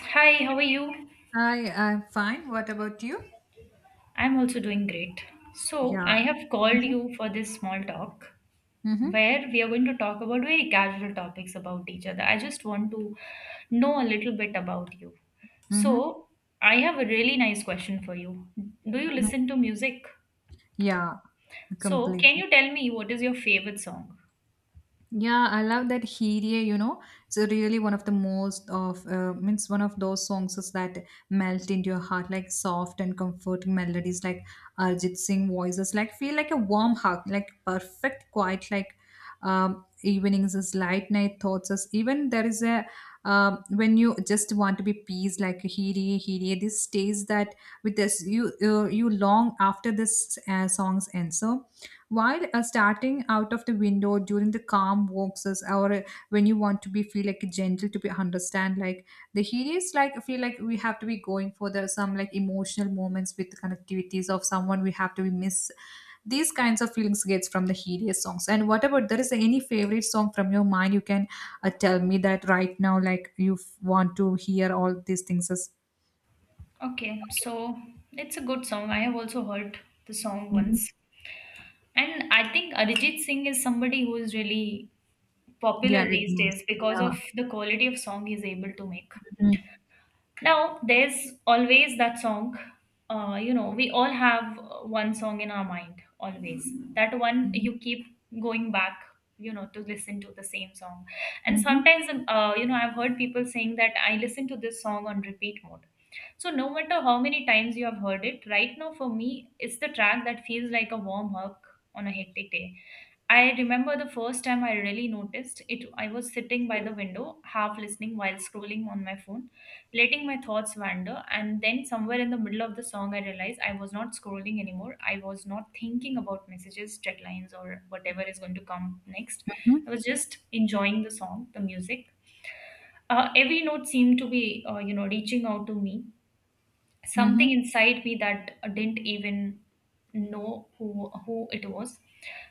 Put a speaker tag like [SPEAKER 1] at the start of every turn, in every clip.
[SPEAKER 1] Hi, how are you?
[SPEAKER 2] Hi, I'm fine. What about you?
[SPEAKER 1] I'm also doing great. So,
[SPEAKER 2] Yeah.
[SPEAKER 1] I have called
[SPEAKER 2] Mm-hmm.
[SPEAKER 1] you for this small talk
[SPEAKER 2] Mm-hmm.
[SPEAKER 1] where we are going to talk about very casual topics about each other. I just want to know a little bit about you.
[SPEAKER 2] Mm-hmm.
[SPEAKER 1] So, I have a really nice question for you. Do you
[SPEAKER 2] Mm-hmm.
[SPEAKER 1] listen to music?
[SPEAKER 2] Yeah,
[SPEAKER 1] So, can
[SPEAKER 2] completely.
[SPEAKER 1] you tell me what is your favorite song?
[SPEAKER 2] Yeah, I love that Hirie, you know. It's really one of the most of means one of those songs is that melt into your heart like soft and comforting melodies like Arjit Singh voices like feel like a warm hug, like perfect quiet like evenings as light night thoughts as even there is a when you just want to be peace like Hirie Hirie this stays that with this you long after this songs end. So while starting out of the window during the calm walks is- or when you want to be feel like gentle to be understand like the hideous, like I feel like we have to be going for the some like emotional moments with connectivities of someone we have to be miss. These kinds of feelings gets from the hideous songs. And what about, there is any favorite song from your mind, you can tell me that right now like want to hear all these things as.
[SPEAKER 1] Okay, so it's a good song. I have also heard the song
[SPEAKER 2] Mhm.
[SPEAKER 1] once. And I think Arijit Singh is somebody who is really
[SPEAKER 2] Yeah,
[SPEAKER 1] popular
[SPEAKER 2] it
[SPEAKER 1] these days
[SPEAKER 2] means
[SPEAKER 1] because
[SPEAKER 2] yeah.
[SPEAKER 1] of the quality of song he's able to make.
[SPEAKER 2] Mm-hmm.
[SPEAKER 1] Now, there's always that song. We all have one song in our mind, always. That one you keep going back, to listen to the same song. And
[SPEAKER 2] Mm-hmm.
[SPEAKER 1] sometimes, I've heard people saying that I listen to this song on repeat mode. So, no matter how many times you have heard it, right now for me, it's the track that feels like a warm hug on a hectic day. I remember the first time I really noticed it. I was sitting by the window, half listening while scrolling on my phone, letting my thoughts wander. And then, somewhere in the middle of the song, I realized I was not scrolling anymore. I was not thinking about messages, deadlines, or whatever is going to come next. I was just enjoying the song, the music. Every note seemed to be, reaching out to me,
[SPEAKER 2] Mm-hmm.
[SPEAKER 1] something inside me that didn't even know who it was.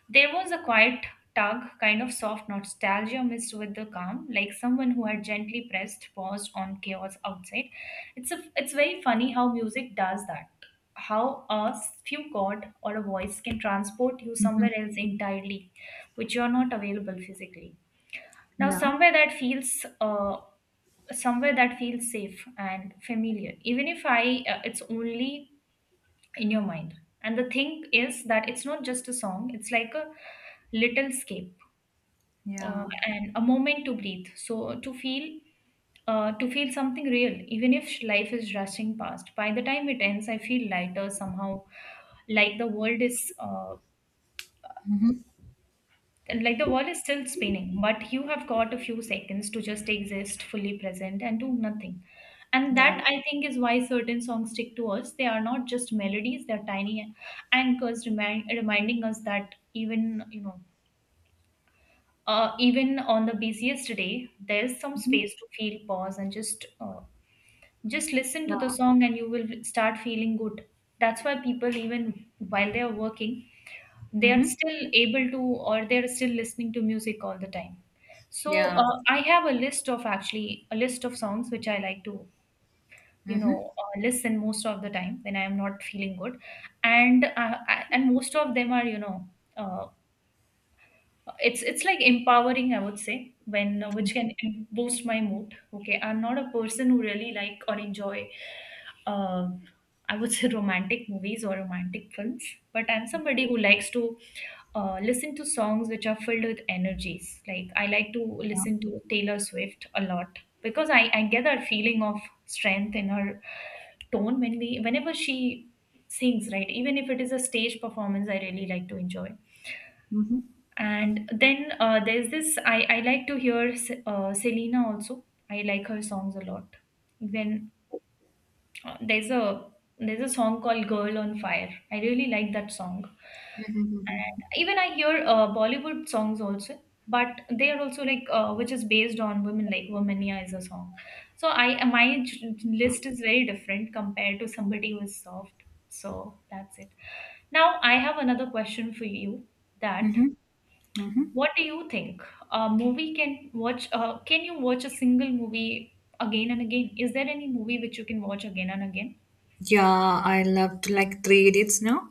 [SPEAKER 1] There was a quiet tug, kind of soft nostalgia mixed with the calm, like someone who had gently pressed pause on chaos outside. It's very funny how music does that, how a few chord or a voice can transport you
[SPEAKER 2] Mm-hmm.
[SPEAKER 1] somewhere else entirely, which you are not available physically now.
[SPEAKER 2] Yeah,
[SPEAKER 1] Somewhere that feels somewhere that feels safe and familiar, even if I, it's only in your mind. And the thing is that it's not just a song, it's like a little scape,
[SPEAKER 2] yeah
[SPEAKER 1] and a moment to breathe, so to feel, to feel something real, even if life is rushing past. By the time it ends I feel lighter somehow, like the world is
[SPEAKER 2] Mhm.
[SPEAKER 1] like the world is still spinning, but you have got a few seconds to just exist, fully present, and do nothing. And
[SPEAKER 2] yeah.
[SPEAKER 1] that I think is why certain songs stick to us. They are not just melodies; they're tiny anchors, reminding us that even on the busiest day, there's some
[SPEAKER 2] Mhm.
[SPEAKER 1] space to feel, pause, and just listen to the
[SPEAKER 2] Yeah.
[SPEAKER 1] song, and you will start feeling good. That's why people, even while they are working, they are
[SPEAKER 2] Mhm.
[SPEAKER 1] still able to, or they're still listening to music all the time. So
[SPEAKER 2] Yeah.
[SPEAKER 1] I have a list, of actually a list of songs which I like to
[SPEAKER 2] Mhm.
[SPEAKER 1] listen most of the time when I am not feeling good. And and most of them are, you know uh, it's it's like empowering I would say, when which can boost my mood. Okay, I'm not a person who really like or enjoy, uh, I would say, romantic movies or romantic films, but I'm somebody who likes to listen to songs which are filled with energies. Like I like to listen to Taylor Swift a lot because I get that feeling of strength in her tone whenever she sings, right? Even if it is a stage performance, I really like to enjoy.
[SPEAKER 2] Mhm.
[SPEAKER 1] And then there's this, I like to hear Selena also. I like her songs a lot. When uh, there's a there's a song called Girl on Fire. I really like that song. And even I hear Bollywood songs also, but they are also like which is based on women, like Womania is a song. So I my j- list is very different compared to somebody who is soft. So that's it. Now I have another question for you, that
[SPEAKER 2] Mhm. Mhm.
[SPEAKER 1] what do you think, a movie can watch can you watch a single movie again and again? Is there any movie which you can watch again and again?
[SPEAKER 2] Yeah, I loved like Three Idiots now.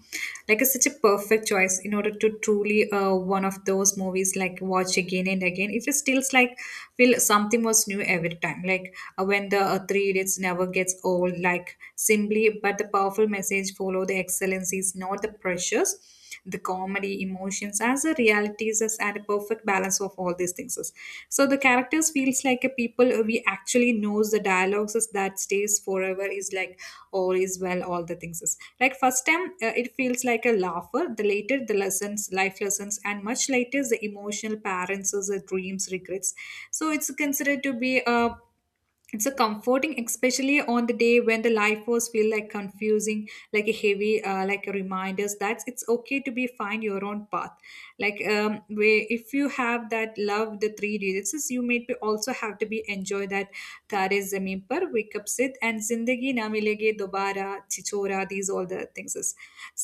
[SPEAKER 2] Like it's such a perfect choice in order to truly one of those movies like watch again and again. If It just feels like feel something was new every time. Like when the Three Idiots never gets old. Like simply, but the powerful message follow the excellencies, not the pressures. The comedy emotions as a realities as- at a perfect balance of all these things is. So the characters feels like a people we actually knows. The dialogues is that stays forever is like all is well. All the things is like first time it feels like a laugher, the later the lessons, life lessons, and much later the emotional parents is dreams regrets. So it's considered to be a, it's a comforting especially on the day when the life force feel like confusing like a heavy like a reminders that it's okay to be find your own path. Like where if you have that love the three diseases, you may be also have to be enjoy that Tare Zameen Par, Wake Up Sit, and Zindagi Na Milegi Dobara, Chichora, these all the things is.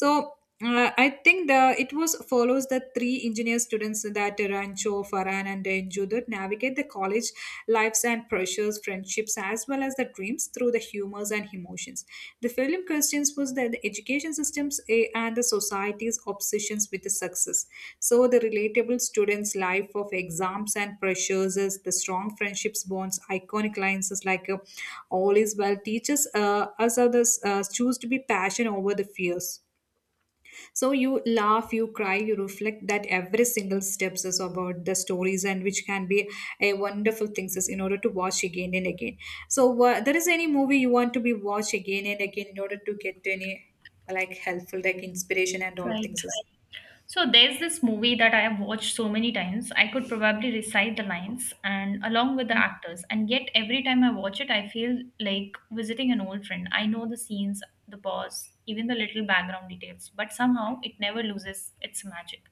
[SPEAKER 2] So I think the it was follows the three engineer students that Rancho, Farhan, and Enju that navigate the college lives and pressures, friendships, as well as the dreams through the humors and emotions. The film questions was that the education systems eh, and the society's obsessions with the success. So the relatable students' life of exams and pressures is the strong friendships bonds, iconic lines is like all is well teaches us others choose to be passion over the fears. So you laugh, you cry, you reflect that every single steps is about the stories and which can be a wonderful things is in order to watch again and again. So there is any movie you want to be watch again and again in order to get any like helpful like inspiration and all
[SPEAKER 1] Right.
[SPEAKER 2] things. Is-
[SPEAKER 1] So there's this movie that I have watched so many times. I could probably recite the lines and along with the actors. And yet every time I watch it, I feel like visiting an old friend. I know the scenes, the pause, even the little background details, but somehow it never loses its magic.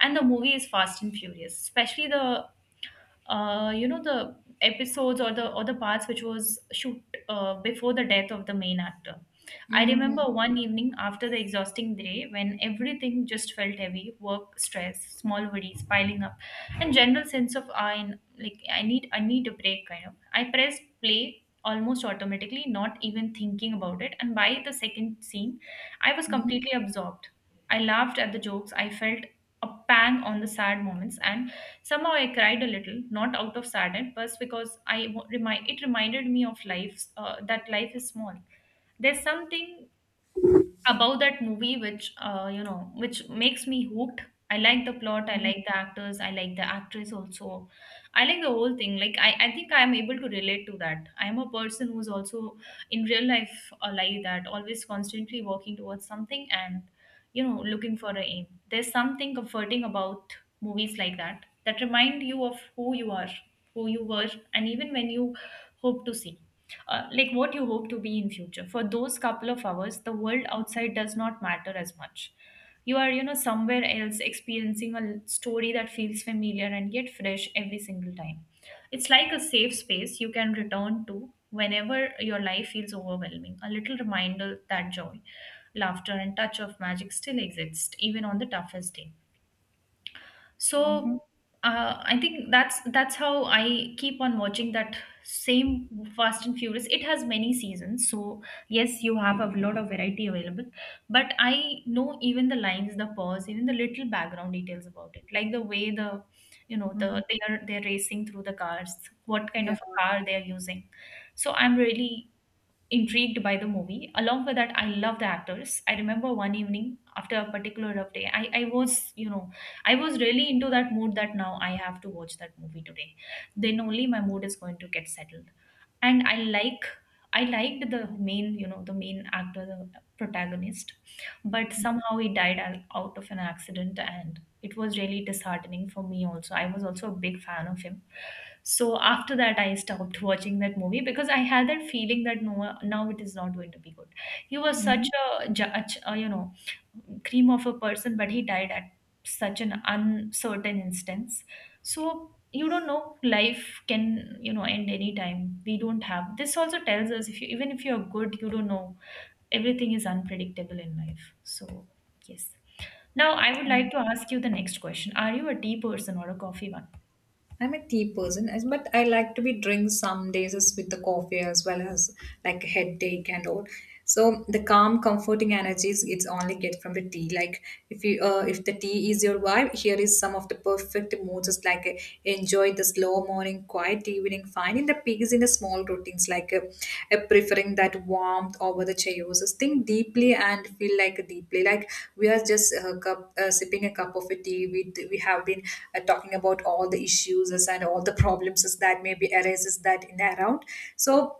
[SPEAKER 1] And the movie is Fast and Furious, especially the the episodes, or the parts which was shoot before the death of the main actor. I
[SPEAKER 2] Mhm,
[SPEAKER 1] remember one evening after the exhausting day when everything just felt heavy, work, stress, small worries piling up, and general sense of I need, I need a break kind of. I pressed play almost automatically, not even thinking about it, and by the second scene, I was
[SPEAKER 2] mhm,
[SPEAKER 1] completely absorbed. I laughed at the jokes, I felt a pang on the sad moments, and somehow I cried a little, not out of sadness, but because I remind it reminded me of life, that life is small. There's something about that movie which which makes me hooked. I like the plot, I
[SPEAKER 2] mhm,
[SPEAKER 1] like the actors, I like the actress also, I like the whole thing. I think I am able to relate to that. I am a person who's also in real life, like that, always constantly working towards something and, you know, looking for a aim. There's something comforting about movies like that, that remind you of who you are, who you were, and even when you hope to see, like what you hope to be in future. For those couple of hours the world outside does not matter as much. You are, you know, somewhere else, experiencing a story that feels familiar and yet fresh every single time. It's like a safe space you can return to whenever your life feels overwhelming, a little reminder that joy, laughter, and touch of magic still exists, even on the toughest day.
[SPEAKER 2] mhm, mhm,
[SPEAKER 1] So I think that's how I keep on watching that same Fast and Furious. It has many seasons, so yes, you have a lot of variety available. But I know even the lines, the pause, even the little background details about it, like the way
[SPEAKER 2] mhm.
[SPEAKER 1] they're racing through the cars, what kind
[SPEAKER 2] Yeah.
[SPEAKER 1] of a car they are using. So I'm really intrigued by the movie. Along with that, I love the actors. I remember one evening after a particular rough day, I was really into that mood that now I have to watch that movie today. Then only my mood is going to get settled. And I liked the main, you know, the main actor, the protagonist, but somehow he died out of an accident, and it was really disheartening for me. Also I was also a big fan of him. So after that I stopped watching that movie, because I had that feeling that, no, now it is not going to be good. He was such a judge, cream of a person, but he died at such an uncertain instance. So you don't know, life can, you know, end anytime. We don't have, this also tells us, if you, even if you're good, you don't know, everything is unpredictable in life. So yes, now, I would like to ask you the next question. Are you a tea person or a coffee one?
[SPEAKER 2] I'm a tea person, as- but I like to be drink some days as with the coffee as well as like a headache and all. So the calm, comforting energies it's only get from the tea. Like if you if the tea is your vibe, here is some of the perfect moods, just like enjoy the slow morning, quiet evening, like finding the pigs in the small routines, like preferring that warmth over the chaos. Think deeply and feel like deeply. Like we are just cup, sipping a cup of a tea. We have been talking about all the issues and all the problems that maybe arises that in around. So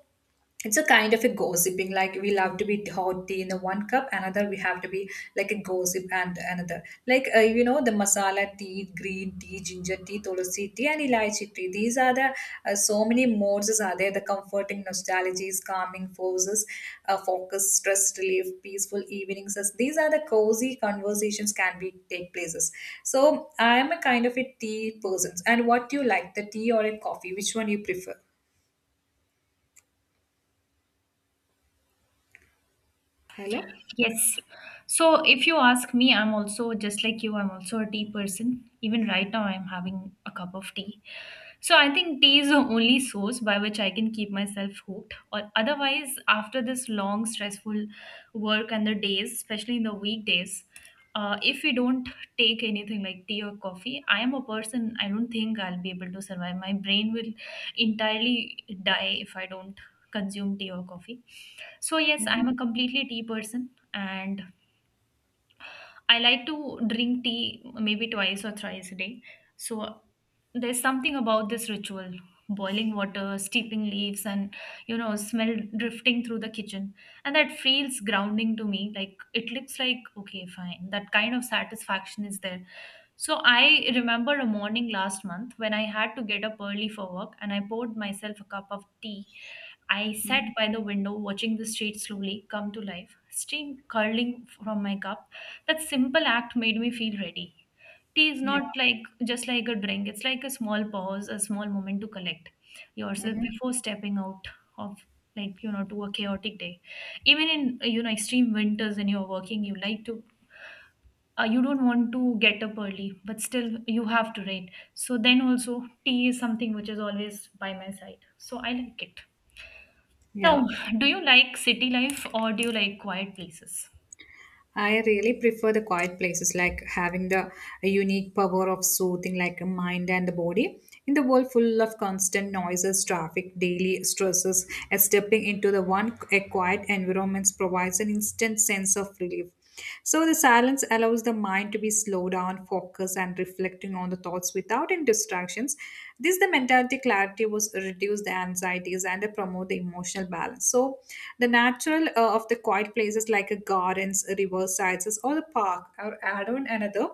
[SPEAKER 2] it's a kind of a gossiping like we love to be hot tea in the one cup, another we have to be like a gossip, and another like you know the masala tea, green tea, ginger tea, tulsi tea, and elaichi tea. These are the so many modes are there: the comforting nostalgies, calming forces, focus, stress relief, peaceful evenings as these are the cozy conversations can be take places. So I am a kind of a tea person. And what do you like, the tea or a coffee, which one you prefer? Hello?
[SPEAKER 1] Yes. So if you ask me, I'm also just like you, I'm also a tea person. Even right now, I'm having a cup of tea. So I think tea is the only source by which I can keep myself hooked. Or otherwise, after this long, stressful work and the days, especially in the weekdays, if we don't take anything like tea or coffee, I am a person, I don't think I'll be able to survive. My brain will entirely die if I don't consume tea or coffee. So, yes,
[SPEAKER 2] Mhm.
[SPEAKER 1] I'm a completely tea person, and I like to drink tea maybe twice or thrice a day. So there's something about this ritual, boiling water, steeping leaves, and, you know, smell drifting through the kitchen. And that feels grounding to me. Like it looks like, okay, fine. That kind of satisfaction is there. So I remember a morning last month when I had to get up early for work and I poured myself a cup of tea. I sat
[SPEAKER 2] Mhm.
[SPEAKER 1] by the window watching the street slowly come to life, steam curling from my cup. That simple act made me feel ready. Tea is
[SPEAKER 2] Yeah.
[SPEAKER 1] not like just like a drink, it's like a small pause, a small moment to collect yourself
[SPEAKER 2] Hmm.
[SPEAKER 1] before stepping out of to a chaotic day. Even in extreme winters when you're working, you like to, you don't want to get up early but still you have to read, so then also tea is something which is always by my side, so I like it. Now,
[SPEAKER 2] Yeah.
[SPEAKER 1] do you like city life or do you like quiet places?
[SPEAKER 2] I really prefer the quiet places, like having the unique power of soothing, like a mind and the body. In the world full of constant noises, traffic, daily stresses, and stepping into the one a quiet environment provides an instant sense of relief. So the silence allows the mind to be slowed down, focused, and reflecting on the thoughts without any distractions. This the mentality clarity was reduce the anxieties and they promote the emotional balance. So the natural of the quiet places like a gardens, river sides, or the park are add on another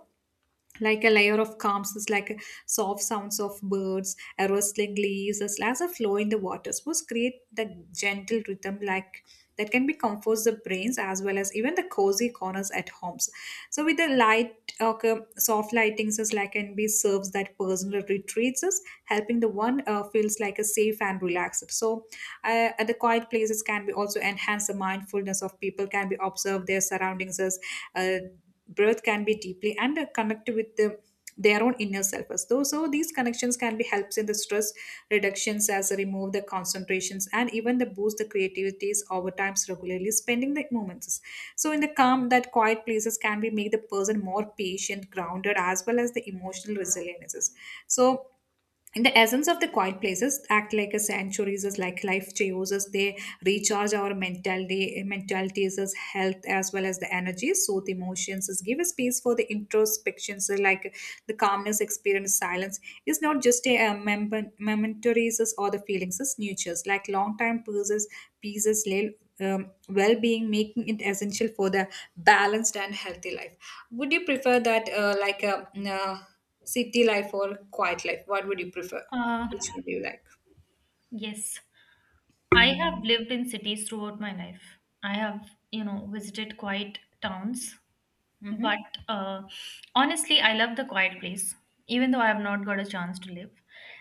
[SPEAKER 2] like a layer of calms is like a soft sounds of birds, a rustling leaves as a slash of flow in the waters must create the gentle rhythm like that can be comforts the brains as well as even the cozy corners at homes. So with the light, okay, soft lightings is like can be serves that personal retreats us helping the one feels like a safe and relaxed. So at the quiet places can be also enhance the mindfulness of people can be observe their surroundings as uh, breath can be deeply and connect with the, their own inner self as though. So these connections can be helps in the stress reductions as remove the concentrations and even the boost the creativities over times regularly spending the moments. So in the calm that quiet places can be make the person more patient, grounded, as well as the emotional resiliences. So, and the essence of the quiet places act like a sanctuaries is like life chaoses, they recharge our mentality mentalities as health as well as the energy, soothe emotions is give a space for the introspections. So like the calmness experience silence is not just a momentaries is or the feelings is nurtures like long time pieces lay well-being, making it essential for the balanced and healthy life. Would you prefer that like a city life or quiet life? What would you prefer?
[SPEAKER 1] uh
[SPEAKER 2] Which would you like?
[SPEAKER 1] yes, I have lived in cities throughout my life. I have, you know, visited quiet towns, but
[SPEAKER 2] Mm-hmm.
[SPEAKER 1] uh, honestly, I love the quiet place, even though I have not got a chance to live.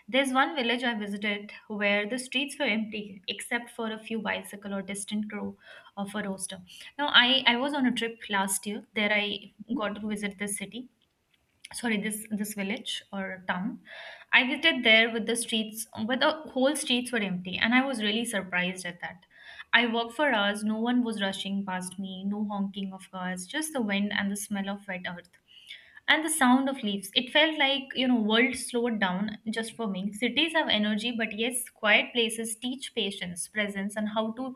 [SPEAKER 1] There's one village I visited where the streets were empty except for a few bicycle or distant crow of a rooster. Now, I was on a trip last year. There I got to visit this city sorry this this village or town. I visited there with the streets, but the whole streets were empty and I was really surprised at that. I walked for hours, no one was rushing past me, no honking of cars, just the wind and the smell of wet earth and the sound of leaves. It felt like, you know, world slowed down just for me. Cities have energy, but yes, quiet places teach patience, presence, and how to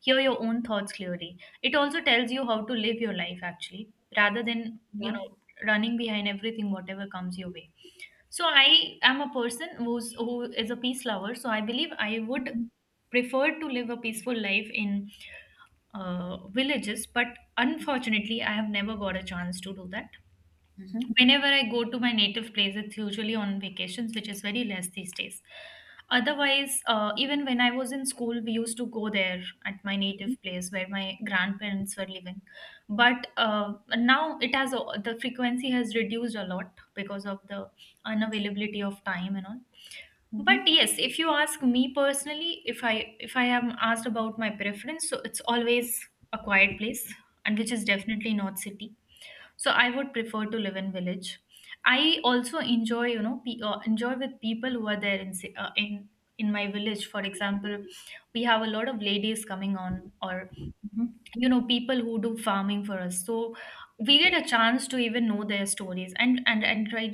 [SPEAKER 1] hear your own thoughts clearly. It also tells you how to live your life, actually, rather than
[SPEAKER 2] Yeah.
[SPEAKER 1] running behind everything whatever comes your way. So I am a person who is a peace lover, so I believe I would prefer to live a peaceful life in, villages, but unfortunately I have never got a chance to do that.
[SPEAKER 2] Mm-hmm.
[SPEAKER 1] Whenever I go to my native place, it's usually on vacations, which is very less these days. Otherwise, even when I was in school, we used to go there at my native place where my grandparents were living. But now it has the frequency has reduced a lot because of the unavailability of time and all.
[SPEAKER 2] Mm-hmm.
[SPEAKER 1] But yes, if you ask me personally, if I am asked about my preference, so it's always a quiet place, and which is definitely not city, so I would prefer to live in village. I also enjoy, you know, enjoy with people who are there in in my village. For example, we have a lot of ladies coming on, or you know, people who do farming for us. So we get a chance to even know their stories, and and and I,